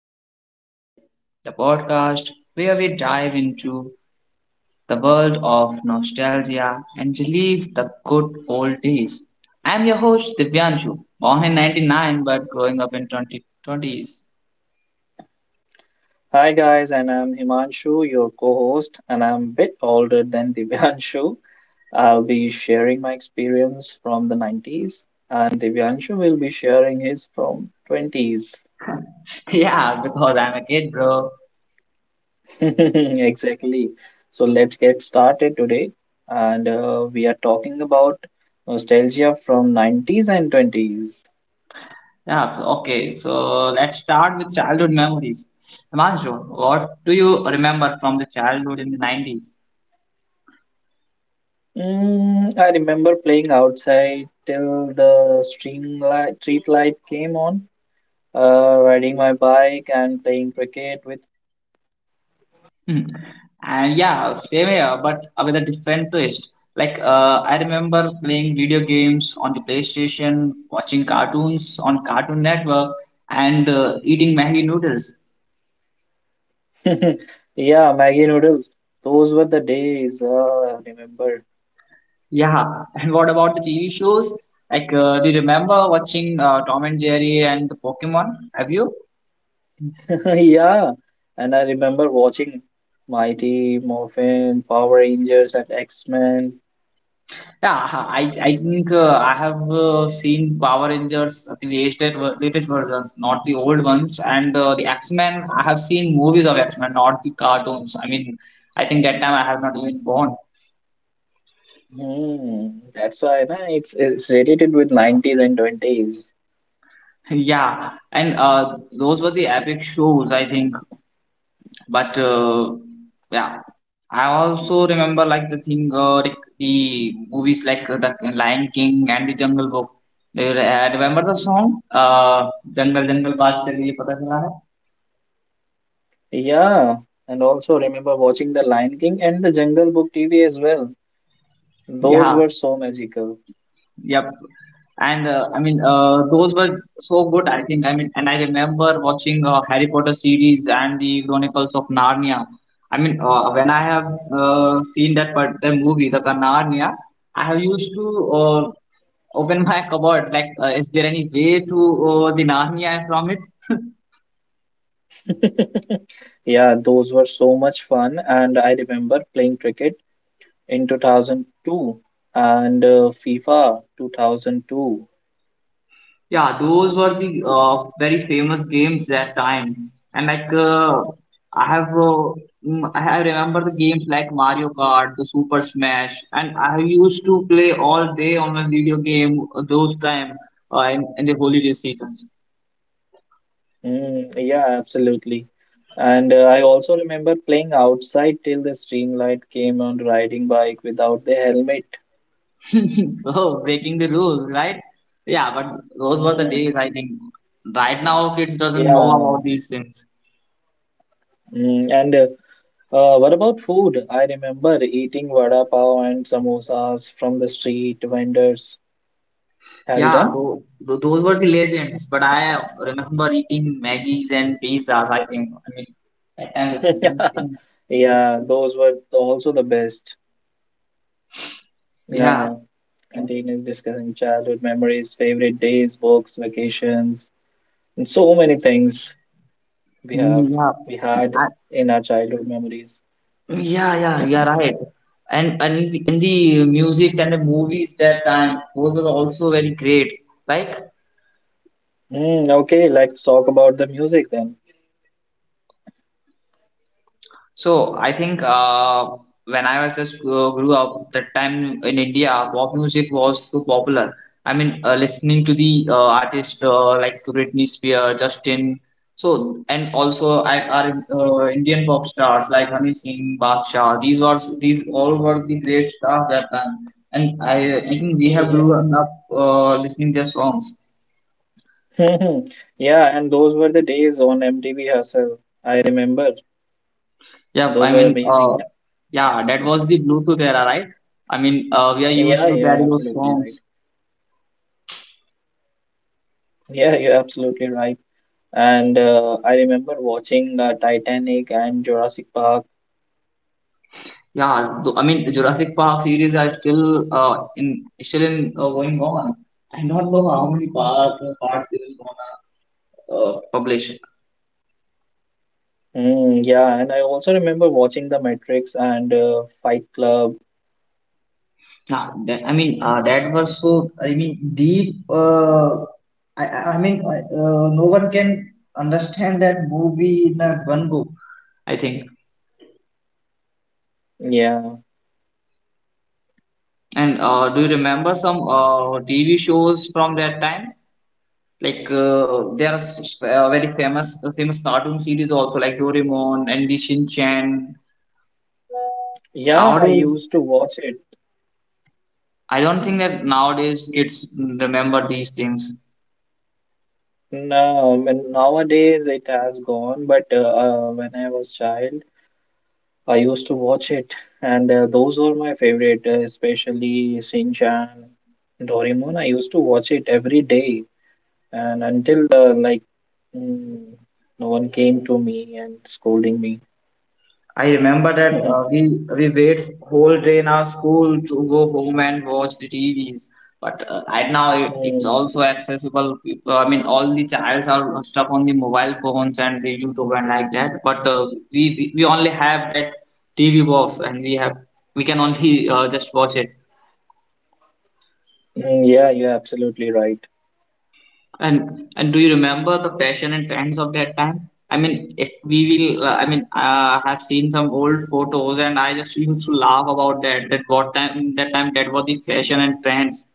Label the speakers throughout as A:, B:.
A: Nostalgia Trip, the podcast where we dive into the world of nostalgia and relive the good old days. I'm your host Divyanshu, born in 99 but growing up in 2020s.
B: Hi guys, and I'm Himanshu, your co-host, and I'm a bit older than Divyanshu. I'll be sharing my experience from 90s, and Divyanshu will be sharing his from 20s.
A: Yeah, because I'm a kid, bro.
B: Exactly. So let's get started today, and we are talking about nostalgia from 90s and 20s.
A: Yeah, okay, so let's start with childhood memories. Himanshu, what do you remember from the childhood in the 90s?
B: I remember playing outside till the street light came on, riding my bike and playing cricket.
A: Hmm. And yeah, same here, but with a different twist. Like I remember playing video games on the PlayStation, watching cartoons on Cartoon Network, and eating Maggi noodles.
B: Yeah, Maggie noodles. Those were the days. I remember.
A: Yeah. And what about the TV shows? Like, do you remember watching Tom and Jerry and Pokemon? Have you?
B: Yeah, and I remember watching Mighty Morphin, Power Rangers, and X Men.
A: Yeah, uh-huh. I think I have seen Power Rangers, I think the latest versions, not the old ones. And the X-Men, I have seen movies of X-Men, not the cartoons. I mean, I think that time I have not even born.
B: That's why na, it's related with nineties and twenties.
A: Yeah, and those were the epic shows, I think. But yeah, I also remember like the thing, like the movies like the Lion King and the Jungle Book. Do you remember the song? Jungle Jungle Baat Chali, pata chala.
B: Yeah, and also remember watching The Lion King and The Jungle Book TV as well. Those
A: Yeah,
B: were so magical.
A: yep. And I mean, those were so good, I think. I mean, and I remember watching Harry Potter series and the Chronicles of Narnia. I mean, when I have seen that part, the movie, the Narnia, I have used to open my cupboard, like, is there any way to the Narnia from it?
B: Yeah, those were so much fun, and I remember playing cricket in 2002 and FIFA 2002.
A: Yeah, those were the very famous games that time. And like I have, uh, I have remember the games like Mario Kart, the Super Smash, and I used to play all day on a video game those time in the holiday seasons.
B: Mm, yeah, absolutely. And I also remember playing outside till the streamlight came on riding bike without the helmet.
A: Oh, breaking the rules, right? Yeah, but those were the days
B: Mhm.
A: I think. Right now, kids doesn't know about
B: Yeah.
A: these things.
B: And what about food? I remember eating vada pav and samosas from the street vendors. Have you
A: Yeah,
B: done?
A: those were the legends. But I remember eating Maggie's and pizzas. I think. I mean, that time something-
B: Yeah, those were also the best.
A: yeah,
B: Yeah. Continues discussing childhood memories, favorite days, books, vacations, and so many things we have
A: mm, yeah,
B: we had
A: I,
B: in our childhood memories.
A: yeah, yeah. You are right. And the music and the movies that time those were also very great. Like,
B: Mm, okay, let's talk about the music then.
A: so I think when I was just grew up, that time in India, pop music was so popular. I mean, listening to the artists like Britney Spears, Justin, so and also our Indian pop stars like Hani Singh, Badshah. These all were the great stars that time, and I think we have
B: Yeah.
A: grown up listening their songs.
B: Yeah, and those were the days on MTV Hustle. I remember.
A: Yeah, I
B: Those were
A: mean,
B: amazing.
A: yeah, that was the Bluetooth era, right? I mean, we are
B: Yeah,
A: used to
B: you're
A: carry those
B: absolutely right.
A: songs.
B: Yeah, you're absolutely right. And I remember watching Titanic and Jurassic Park.
A: Yeah, I mean Jurassic Park series are still in still in going on. I don't know how many parts they will gonna publish.
B: Mm, yeah, and I also remember watching The Matrix and Fight Club.
A: Yeah, I mean that was so I mean deep. No one can understand that movie in that one book. I think.
B: Yeah,
A: And do you remember some TV shows from that time? Like there are very famous cartoon series also like Doraemon and the Shin Chan.
B: yeah, I
A: Nowadays,
B: used to watch it.
A: I don't think that nowadays kids remember these things.
B: No, and nowadays it has gone, but when I was child, I used to watch it, and those were my favorite, especially Shin Chan, Doraemon. I used to watch it every day, and until like mm, no one came to me and scolding me.
A: I remember that we wait whole day in our school to go home and watch the TVs. But right now it's
B: Mm,
A: also accessible. People, I mean, all the childs are stuck on the mobile phones and the YouTube and like that. But we only have that TV box, and we can only just watch it.
B: mm, yeah, you're absolutely right.
A: And do you remember the fashion and trends of that time? I mean, if we will, I mean, have seen some old photos, and I just used to laugh about that. That what time? That time that was the fashion and trends.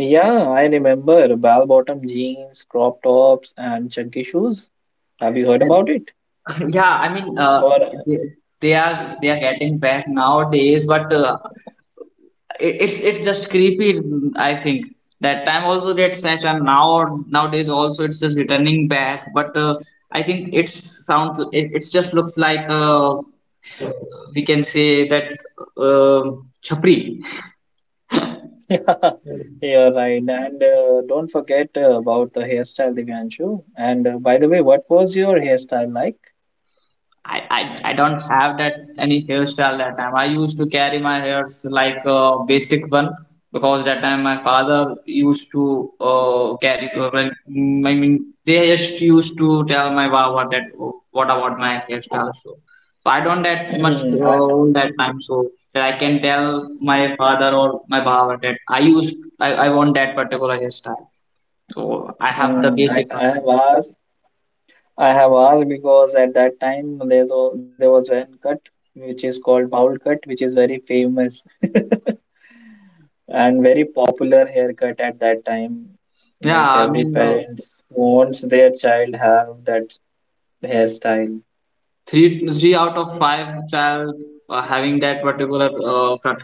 B: Yeah, I remember bell bottom jeans, crop tops, and chunky shoes. Have you heard
A: And
B: about it?
A: yeah, I mean,
B: Or,
A: they, they are getting back nowadays, but it's just creepy. I think that time also that sense, now nowadays also it's just returning back. But I think it's sounds it's just looks like a we can say that chapri.
B: yeah, you're right. And don't forget about the hairstyle, Divyanshu. And by the way, what was your hairstyle like?
A: I, I I don't have that any hairstyle that time. I used to carry my hairs like a basic one because that time my father used to carry. Well, I mean, they just used to tell my wow what that oh, what about my hairstyle. So, I don't that much
B: I,
A: own that time. So that I can tell my father or my baba that I want that particular hairstyle. So I have the
B: hmm, I,
A: basic one
B: I have
A: only.
B: asked, because at that time there was one cut which is called bowl cut, which is very famous. And very popular haircut at that time.
A: Yeah,
B: Like
A: I
B: every
A: mean,
B: parents wants their child have that hairstyle.
A: three out of five child having that particular cut,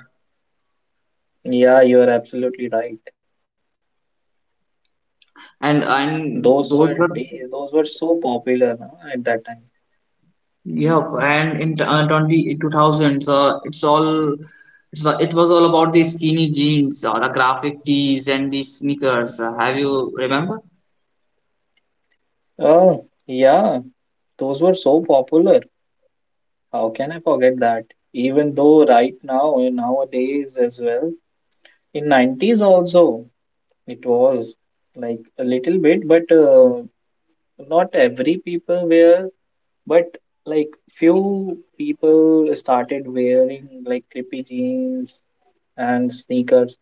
B: Yeah, you are absolutely right.
A: and
B: Those were
A: those were.
B: days, those were so popular no, at that time.
A: Yeah, and in t- uh, 20 2000s, it was all about the skinny jeans, the graphic tees, and the sneakers. Have you remember?
B: Oh, yeah, those were so popular. How can I forget that? Even though right now, nowadays as well, in 90s also, it was like a little bit, but not every people were. But like few people started wearing like creepy jeans and sneakers.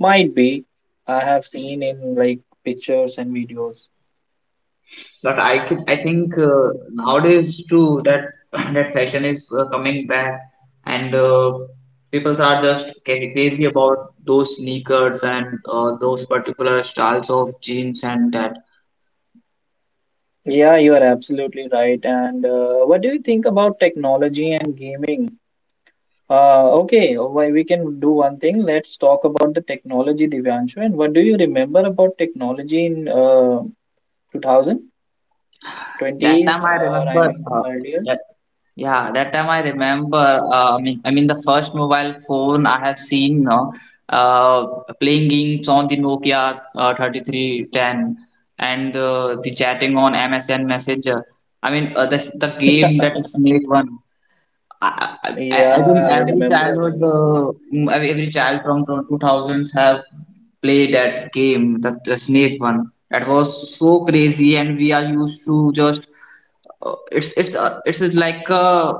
B: Might be. I have seen in like pictures and videos.
A: But I could, I think nowadays too that that fashion is coming back, and people are just getting crazy about those sneakers and those particular styles of jeans and that.
B: Yeah, you are absolutely right. And what do you think about technology and gaming? Okay, why we can do one thing. Let's talk about the technology, Divyanshu. And what do you remember about technology in two thousand
A: That
B: twenties
A: time I
B: or I
A: remember
B: mean earlier?
A: that Yeah, that time I remember. I mean the first mobile phone I have seen no, uh, playing games on the Nokia 3310 and the chatting on MSN Messenger. I mean, the game that is made one. I think
B: Yeah, I
A: every childhood,
B: remember.
A: every child from the 2000s have played that game, the snake one. That was so crazy, and we are used to just it's like a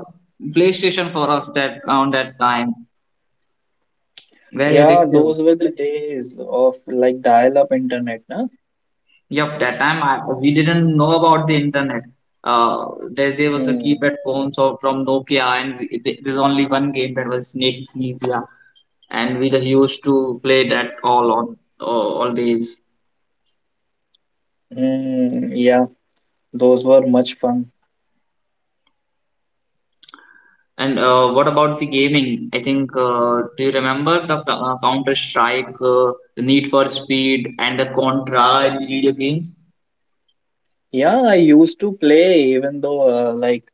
A: PlayStation for us that on that time. Very
B: Yeah,
A: addictive.
B: those were the days of like dial-up internet, na?
A: Yep, that time we didn't know about the internet. Uh, there was the
B: Hmm.
A: keypad phones or from Nokia, and there's only one game that was Snake Sneezy. And we just used to play that all on uh, all days.
B: Hmm. Yeah, those were much fun.
A: And what about the gaming? I think do you remember the Counter Strike, Need for Speed, and the Contra in video games?
B: Yeah, I used to play even though like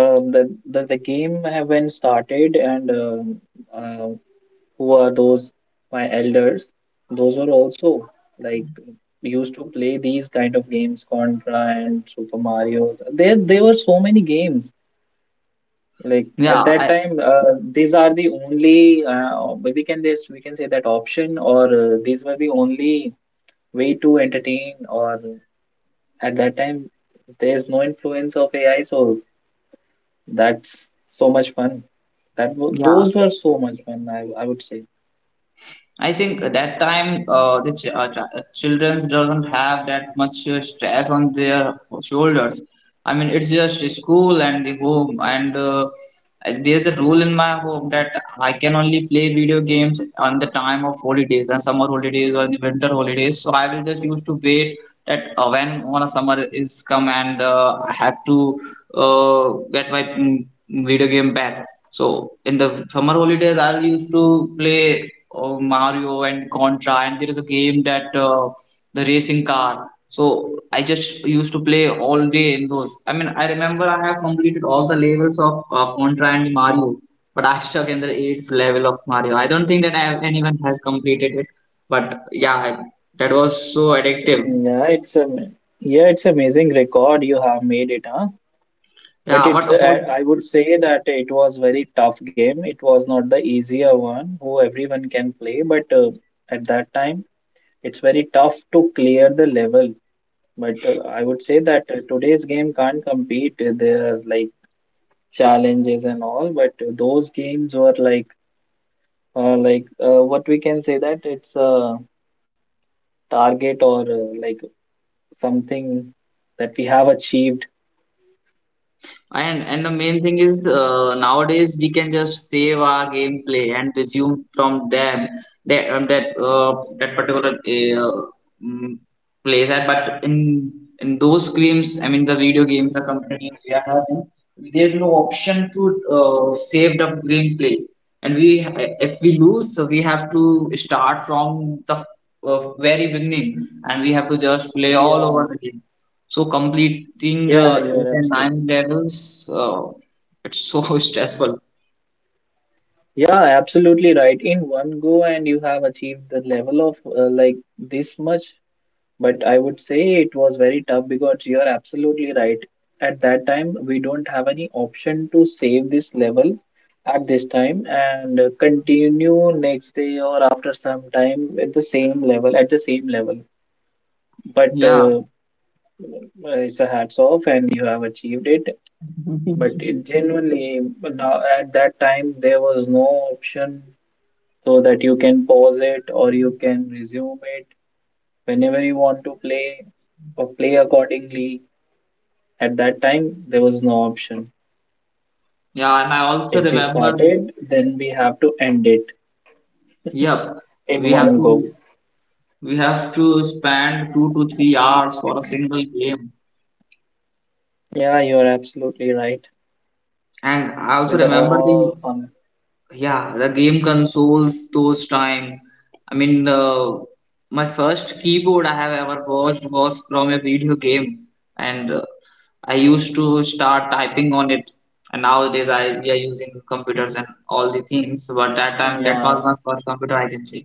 B: the game haven't started and uh, who are those my elders? Those were also like used to play these kind of games, Contra and Super Mario. There were so many games like at
A: Yeah,
B: that time these are the only we can say that option or these were the only way to entertain, or at that time there's no influence of AI, so that's so much fun, that
A: yeah.
B: those were so much fun, I would say.
A: I think at that time children doesn't have that much stress on their shoulders. I mean, it's just school and the home, and there's a rule in my home that I can only play video games on the time of holidays and summer holidays or the winter holidays. So I will just used to wait that when one summer is come and I have to get my video game back. So in the summer holidays, I used to play Mario and Contra, and there is a game that the racing car. So I just used to play all day in those. I mean, I remember I have completed all the levels of Contra and Mario, but I stuck in the eighth level of Mario. I don't think that anyone has completed it, but yeah, that was so addictive.
B: Yeah, it's a yeah, it's amazing record you have made it, huh? But
A: Yeah,
B: it,
A: but
B: I,
A: all,
B: I would say that it was very tough game. It was not the easier one who everyone can play, but at that time, it's very tough to clear the level. But I would say that today's game can't compete. There are like challenges and all, but those games were like what we can say that it's a target or like something that we have achieved.
A: and the main thing is nowadays we can just save our gameplay and resume from them that particular mm, place. And But in those games, I mean the video games, the computer games we are having, there's no option to save the gameplay. And we if we lose, so we have to start from the very beginning, and we have to just play all over
B: Yeah,
A: the game. So completing
B: yeah,
A: eight
B: you're
A: and
B: absolutely.
A: nine levels, it's so stressful.
B: Yeah, absolutely right. In one go, and you have achieved the level of like this much. But I would say it was very tough because you're absolutely right. At that time, we don't have any option to save this level at this time and continue next day or after some time at the same level, at the same level. But
A: Yeah,
B: it's a hats off, and you have achieved it. But it genuinely, now at that time, there was no option so that you can pause it or you can resume it whenever you want to play or play accordingly. At that time, there was no option.
A: yeah, and I also
B: If we
A: remember,
B: started, then we have to end it
A: yep,
B: in
A: we have
B: one go.
A: to we have to spend 2 to 3 hours for a single game.
B: Yeah, you're absolutely right.
A: And I also
B: With the
A: remember the.
B: all fun.
A: Yeah, the game consoles those time. I mean, my first keyboard I have ever watched was from a video game, and I used to start typing on it. And nowadays, I we are using computers and all the things. But that time, that was
B: Yeah.
A: my first computer, I can say.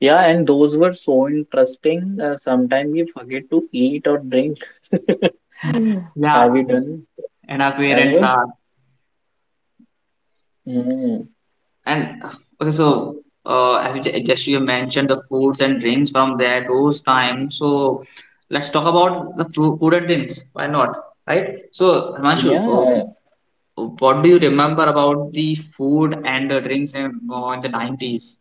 B: Yeah, and those were so interesting. Sometimes we forget to eat or drink.
A: Yeah,
B: Have you done
A: and our parents
B: ever?
A: are.
B: Mm.
A: And okay, so I have ju- just you mentioned the foods and drinks from there those times. So let's talk about the food and drinks. Why not? Right? So Himanshu,
B: Yeah,
A: what do you remember about the food and the drinks in the 90s?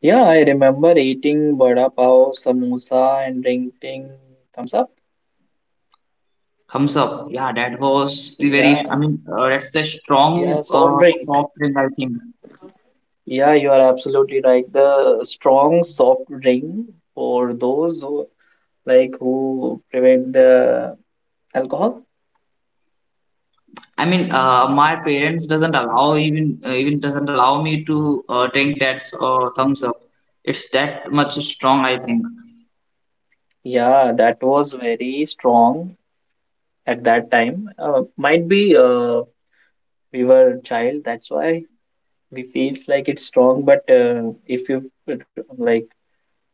B: yeah, I remember eating vada pav, samosa, and drinking thumbs up.
A: Thumbs up. Yeah, that was the very.
B: Yeah,
A: I mean, that's the strong
B: yeah, soft drink.
A: soft drink, I think.
B: Yeah, you are absolutely right. The strong soft drink for those who like who prevent the alcohol.
A: I mean, my parents doesn't allow even doesn't allow me to drink that thumbs up. It's that much strong, I think.
B: Yeah, that was very strong at that time. Might be, we were child, that's why we feels like it's strong. But if you like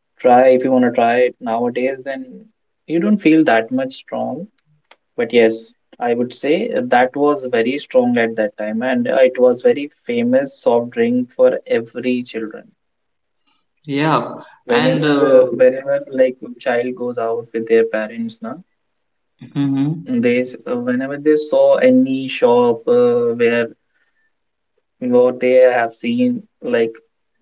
B: try, if you want to try it nowadays, then you don't feel that much strong. But yes, I would say that was very strong at that time, and it was very famous soft drink for every children.
A: Yeah. and
B: Whenever like child goes out with their parents, na,
A: hmm
B: whenever they saw any shop where they have seen like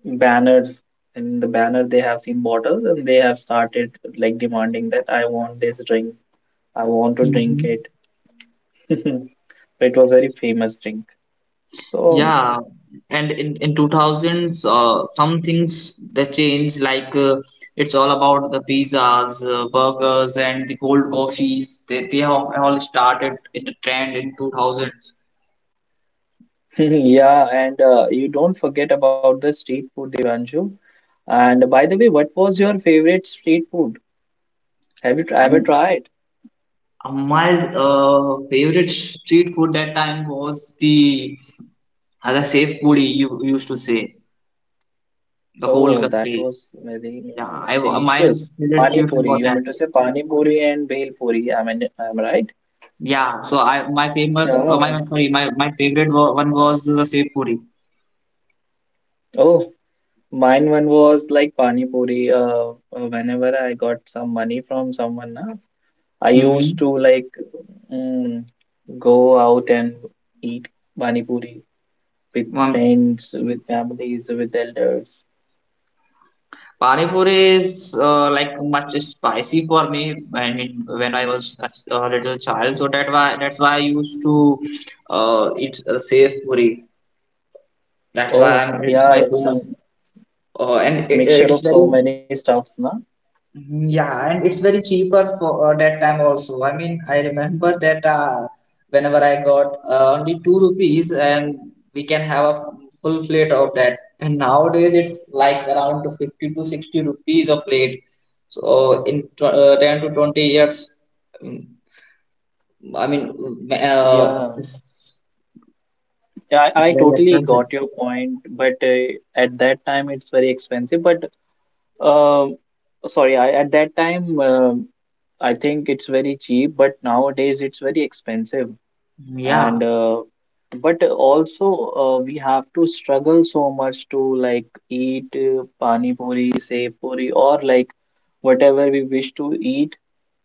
B: banners. In the banner, they have seen bottles and they have started like demanding that I want this drink, I want to drink
A: hmm
B: it. It was very famous drink. So,
A: Yeah, and in 2000s, some things that change, like, it's all about the pizzas, burgers, and the cold coffees. They have all started in the trend in 2000s.
B: yeah, and you don't forget about the street food, Devanshu. And by the way, what was your favorite street food? Have you
A: I
B: ever
A: mean,
B: tried?
A: my favorite street food that time was the safe puri you used to say, the
B: Oh, that
A: Golgappe.
B: was very
A: Yeah, I my
B: delicious.
A: favorite
B: Pani
A: street food
B: puri.
A: was
B: You
A: that.
B: meant to say pani puri and bhel puri. I mean, I'm right.
A: Yeah, so I my famous
B: Yeah.
A: my sorry my my favorite one was the safe puri.
B: Oh, mine one was like pani puri. Whenever I got some money from someone, na, I used to
A: Mm-hmm.
B: like mm, go out and eat pani puri with
A: Um.
B: friends, with families, with elders.
A: Pani puri is like much spicy for me when when I was a little child. So that's why I used to eat safe puri. That's why
B: Oh,
A: I'm it's
B: yeah,
A: my
B: it's a
A: favorite. And it,
B: mixture
A: it's
B: of so
A: very,
B: many stuffs, na?
A: yeah, and it's very cheaper for that time also. I mean, I remember that whenever I got only 2 rupees and we can have a full plate of that. And nowadays it's like around to 50 to 60 rupees a plate. So in tw uh, 10 to 20 years, mm, I mean,
B: Yeah,
A: it's
B: I
A: very
B: totally
A: expensive.
B: got your point, but at that time it's very expensive. But uh, sorry, at that time I think it's very cheap, but nowadays it's very expensive.
A: Mm, yeah.
B: And but also we have to struggle so much to like eat pani puri, sev puri, or like whatever we wish to eat.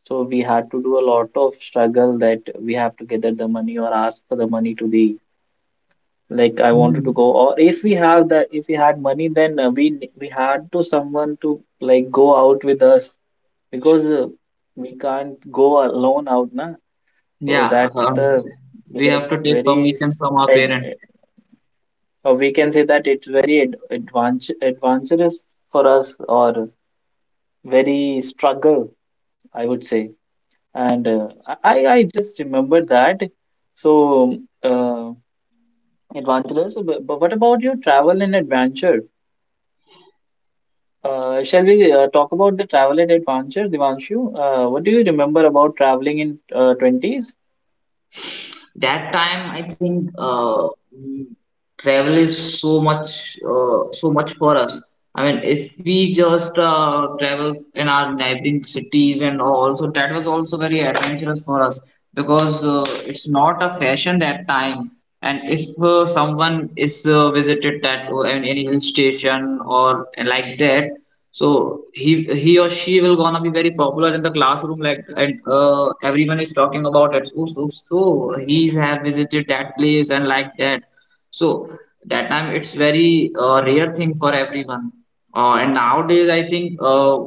B: So we had to do a lot of struggle that we have to gather the money or ask for the money to the, like, I wanted to
A: Hmm.
B: go, or if we have that if we had money then we had to someone to like go out with us because we can't go alone out na, so
A: Yeah.
B: that's the
A: um, we
B: like
A: have to take
B: very
A: permission from our
B: ad-
A: parents.
B: or we can say that it's very ad advent adventurous for us, or very struggle, I would say. And I just remember that. So, uh, Evangelist, but, what about your travel and adventure? Shall we talk about the travel and adventure, Devanshu? What do you remember about traveling in 20s?
A: That time, I think, mm, travel is so much so much for us. I mean, if we just travel in our neighboring cities and all, so that was also very adventurous for us, because it's not a fashion that time. And if someone is visited that, I mean, any hill station or like that, so he or she will gonna be very popular in the classroom, like, and everyone is talking about it. So he have visited that place, and like that. So that time it's very rare thing for everyone. And nowadays I think, uh,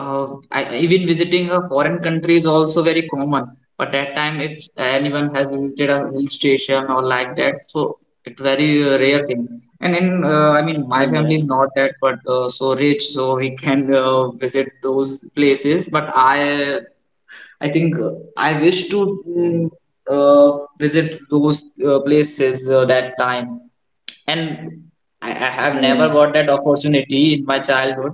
A: uh, I, even visiting a foreign country is also very common. But that time, if anyone has visited a hill station or like that, so it's very rare thing. And I mean, my family is
B: Yeah.
A: not that, but so rich, so we can visit those places. But I think I wish to visit those places that time, and I have never
B: Hmm.
A: got that opportunity in my childhood.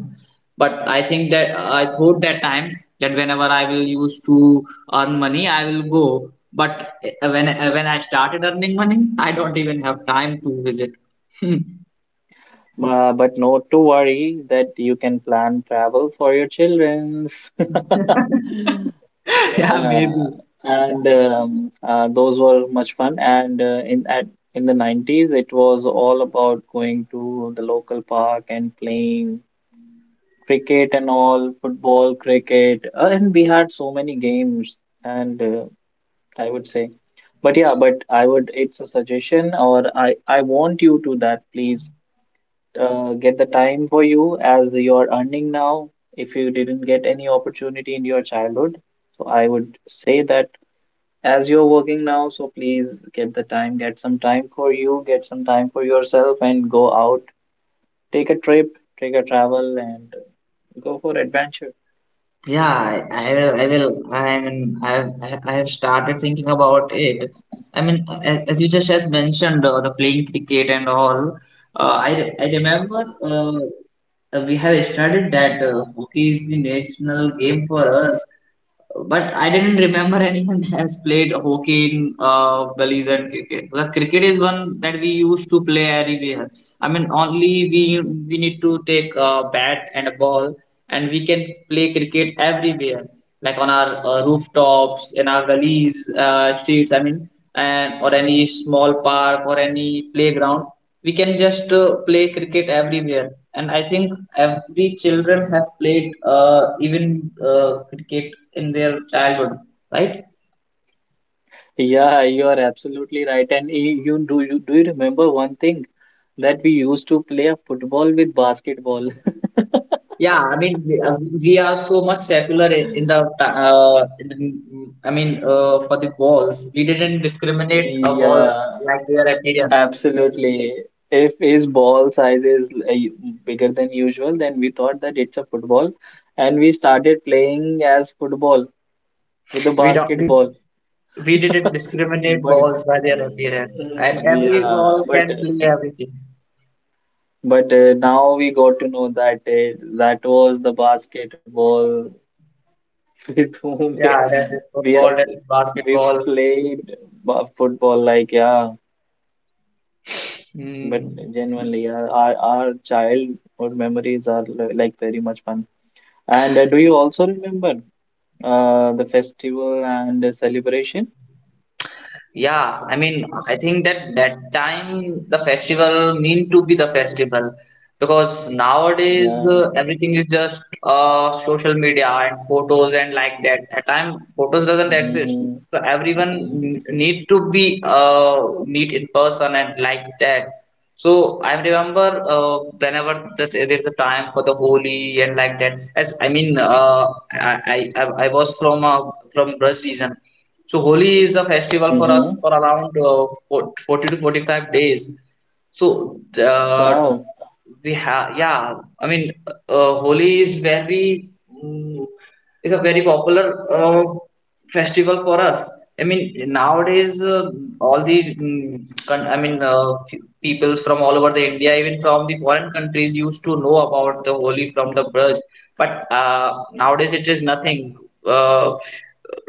A: But I think that I thought that time that whenever I will use to earn money, I will go. But when I started earning money, I don't even have time to visit.
B: But no to worry that you can plan travel for your children's.
A: Yeah,
B: uh,
A: maybe.
B: and Those were much fun. And in the 90s, it was all about going to the local park and playing cricket and all, football, cricket, and we had so many games. And I would say, but yeah, but I would. It's a suggestion, or I want you to that. Please get the time for you, as you're earning now. If you didn't get any opportunity in your childhood. So I would say that as you're working now, so please get the time, get some time for you, get some time for yourself, and go out, take a trip, take a travel, and go for adventure.
A: Yeah, I will. I will. I mean, I have. I have started thinking about it. I mean, as you just had mentioned, the playing cricket and all. I remember. We have studied that hockey is the national game for us, but I didn't remember anyone has played hockey in gullies, and cricket. The cricket is one that we used to play everywhere. I mean, only we need to take a bat and a ball, and we can play cricket everywhere, like on our rooftops, in our gullies, streets. I mean, and or any small park or any playground. We can just play cricket everywhere, and I think every children have played, even cricket in their childhood, right?
B: Yeah, you are absolutely right. And you, do you remember one thing that we used to play a football with basketball?
A: Yeah, I mean we are so much secular, I- in the ta- in the, I mean, for the balls, we didn't discriminate balls
B: Yeah,
A: like their appearance.
B: absolutely. If his ball size is bigger than usual, then we thought that it's a football, and we started playing as football with the
A: We don't
B: basketball.
A: we didn't discriminate
B: But
A: balls by their appearance, and every
B: yeah,
A: ball
B: but
A: can play everything.
B: now we got to know that that was the basketball. With whom we
A: Yeah, that is
B: we, are,
A: football, that is
B: we were
A: basketball.
B: played football, like, yeah. But
A: Mm.
B: genuinely, yeah, our childhood memories are like very much fun. And do you also remember the festival and the celebration?
A: Yeah, I mean, I think that that time the festival mean to be the festival, because nowadays
B: Yeah.
A: everything is just social media and photos and like that. At time photos doesn't exist,
B: Hmm.
A: so everyone need to be meet in person and like that. So I remember, whenever that there's a time for the Holi and like that. As I mean, I was from Brazil, so Holi is a festival for us
B: Hmm.
A: for around 40 to 45 days. So
B: Wow.
A: we have Yeah, I mean, Holi is very, mm, is a very popular uh, festival for us. I mean, nowadays all the mm, con- I mean, peoples from all over the India, even from the foreign countries, used to know about the Holi from the birds. But nowadays it is nothing. Uh,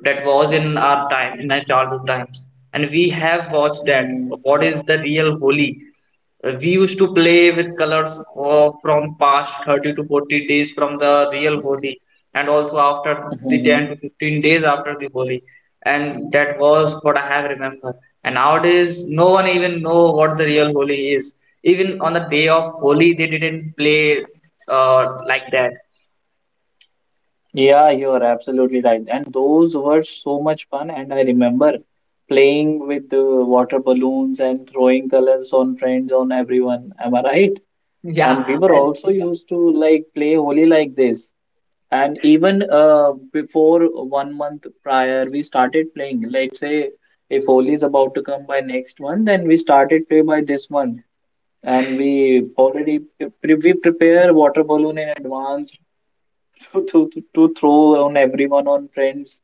A: that was in our time, in our childhood times. And we have watched that. What is the real Holi? We used to play with colors from past 30 to 40 days from the real Holi, and also after the 10
B: Hmm.
A: to 15 days after the Holi. And that was what I have remembered. And nowadays, no one even know what the real Holi is. Even on the day of Holi, they didn't play like that.
B: Yeah, you're absolutely right. And those were so much fun. And I remember playing with the water balloons and throwing colors on friends, on everyone. Am I right? And we
A: Yeah.
B: were also used to like play Holi like this. And even before one month prior, we started playing. Let's say if Holi is about to come by next month, then we started play by this month. And we already we prepare water balloon in advance to throw on everyone on friends.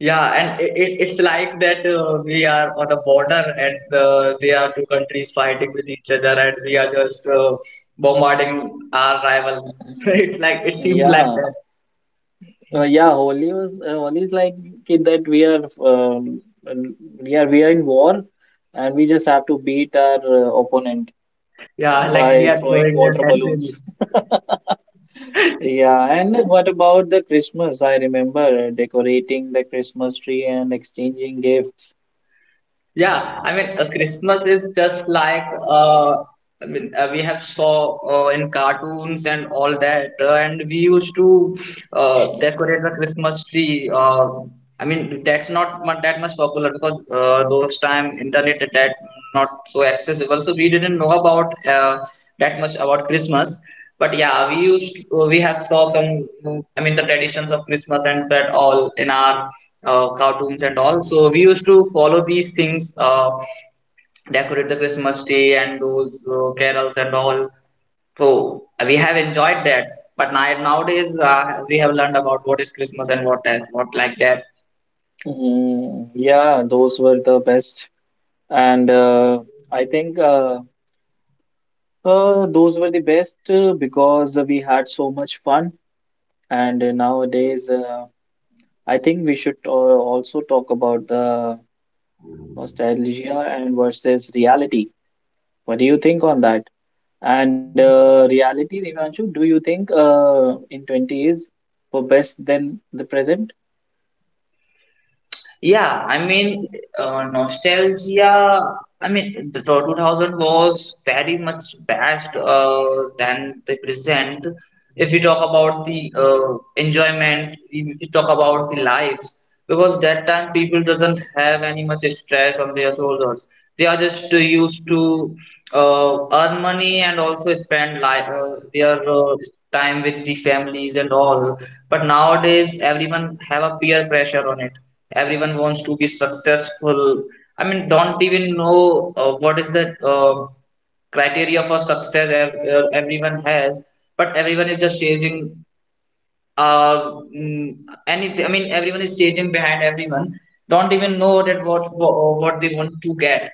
A: Yeah, and it's like that, we are on the border, and they are two countries fighting with each other, and we are just bombarding our rival.
B: Mhm.
A: It's like, it seems like
B: Yeah,
A: that.
B: yeah. Holi is like that we are um, and we are in war, and we just have to beat our opponent
A: Yeah, like we
B: by
A: are
B: throwing
A: throwing a
B: water
A: century.
B: balloons. Yeah, and what about the Christmas? I remember decorating the Christmas tree and exchanging gifts.
A: Yeah, I mean, Christmas is just like. I mean, we have saw in cartoons and all that, and we used to decorate the Christmas tree. I mean, that's not that much popular, because those time internet at that, not so accessible, so we didn't know about that much about Christmas. But yeah, we have saw some, I mean, the traditions of Christmas and that all in our cartoons and all. So we used to follow these things, decorate the Christmas tree, and those carols and all. So we have enjoyed that. But nowadays we have learned about what is Christmas and what is what like that.
B: Mm, yeah, those were the best. And I think those were the best because we had so much fun. And nowadays, I think we should also talk about the nostalgia and versus reality. What do you think on that? And reality, Devanshu, do you think in twenties were best than the present?
A: Yeah, I mean, nostalgia. I mean, the 2000 was very much best than the present. If we talk about the enjoyment, if we talk about the life, because that time people doesn't have any much stress on their shoulders. They are just used to earn money, and also spend their time with the families and all. But nowadays, everyone have a peer pressure on it. Everyone wants to be successful. I mean, don't even know what is that criteria for success everyone has, but everyone is just chasing, uh mm, anything. I mean, everyone is chasing behind everyone, don't even know that, what they want to get.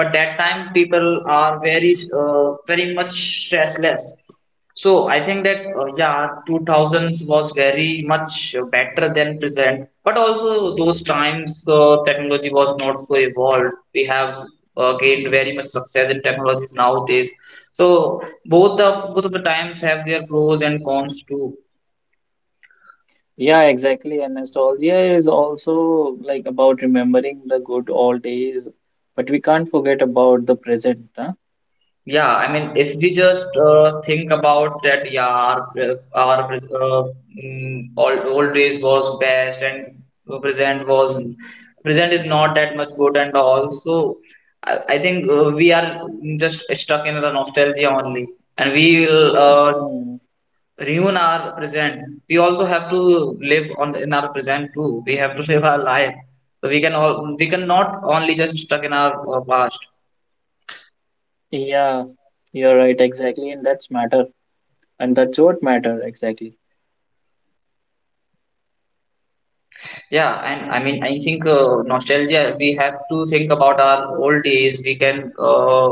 A: But that time people are very much stressless. So I think that, yeah, 2000s was very much better than present. But also those times technology was not so evolved. We have gained very much success in technologies nowadays. So both of the times have their pros and cons too.
B: Yeah, exactly. And nostalgia is also like about remembering the good old days, but we can't forget about the present, huh?
A: Yeah, I mean, if we just think about that, yeah, our, old days was best, and present was present is not that much good. And also, I think we are just stuck in the nostalgia only, and we will
B: Mm.
A: ruin our present. We also have to live on in our present too. We have to save our life, so we cannot only just stuck in our past.
B: Yeah, you're right, exactly, and that's matter, and that's what matter exactly.
A: Yeah, and I mean, I think nostalgia. We have to think about our old days. We can uh,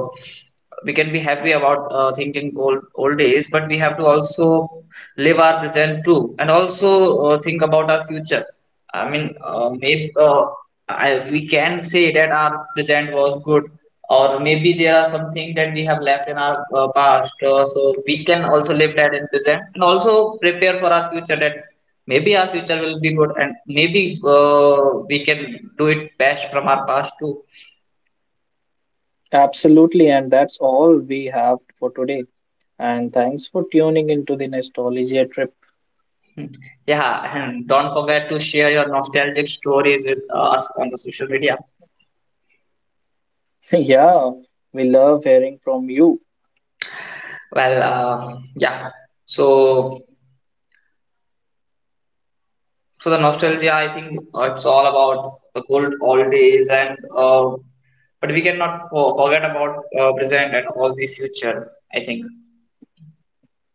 A: we can be happy about thinking old days, but we have to also live our present too, and also think about our future. I mean, maybe, we can say that our present was good, or maybe there are something that we have left in our past, so we can also live that in present, and also prepare for our future, that maybe our future will be good, and maybe we can do it best from our past too.
B: Absolutely, and that's all we have for today. And thanks for tuning into the nostalgia trip.
A: Hmm. Yeah. And don't forget to share your nostalgic stories with us on the social media.
B: Yeah, we love hearing from you.
A: Well, yeah, so the nostalgia, I think, it's all about the good old days, and uh, but we cannot forget about present and all the future, I think.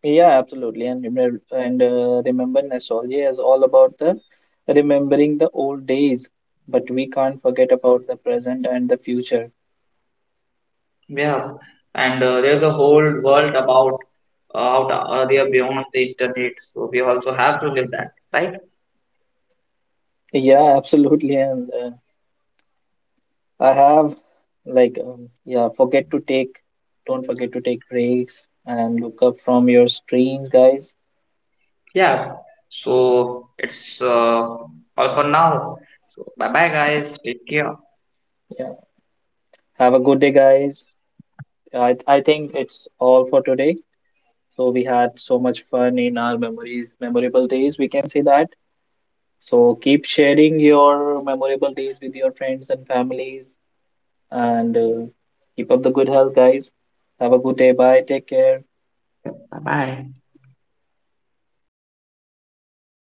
B: Yeah, absolutely, and remember, nostalgia is all about the remembering the old days, but we can't forget about the present and the future.
A: Yeah, and there's a whole world about out there beyond the internet. So we also have to live that, right?
B: Yeah, absolutely, and I have like don't forget to take breaks and look up from your screens, guys.
A: Yeah. So it's all for now. So bye bye, guys. Take care.
B: Yeah, have a good day, guys. I think it's all for today. So we had so much fun in our memories, memorable days, we can say that. So keep sharing your memorable days with your friends and families, and keep up the good health, guys. Have a good day. Bye. Take care.
A: Bye bye.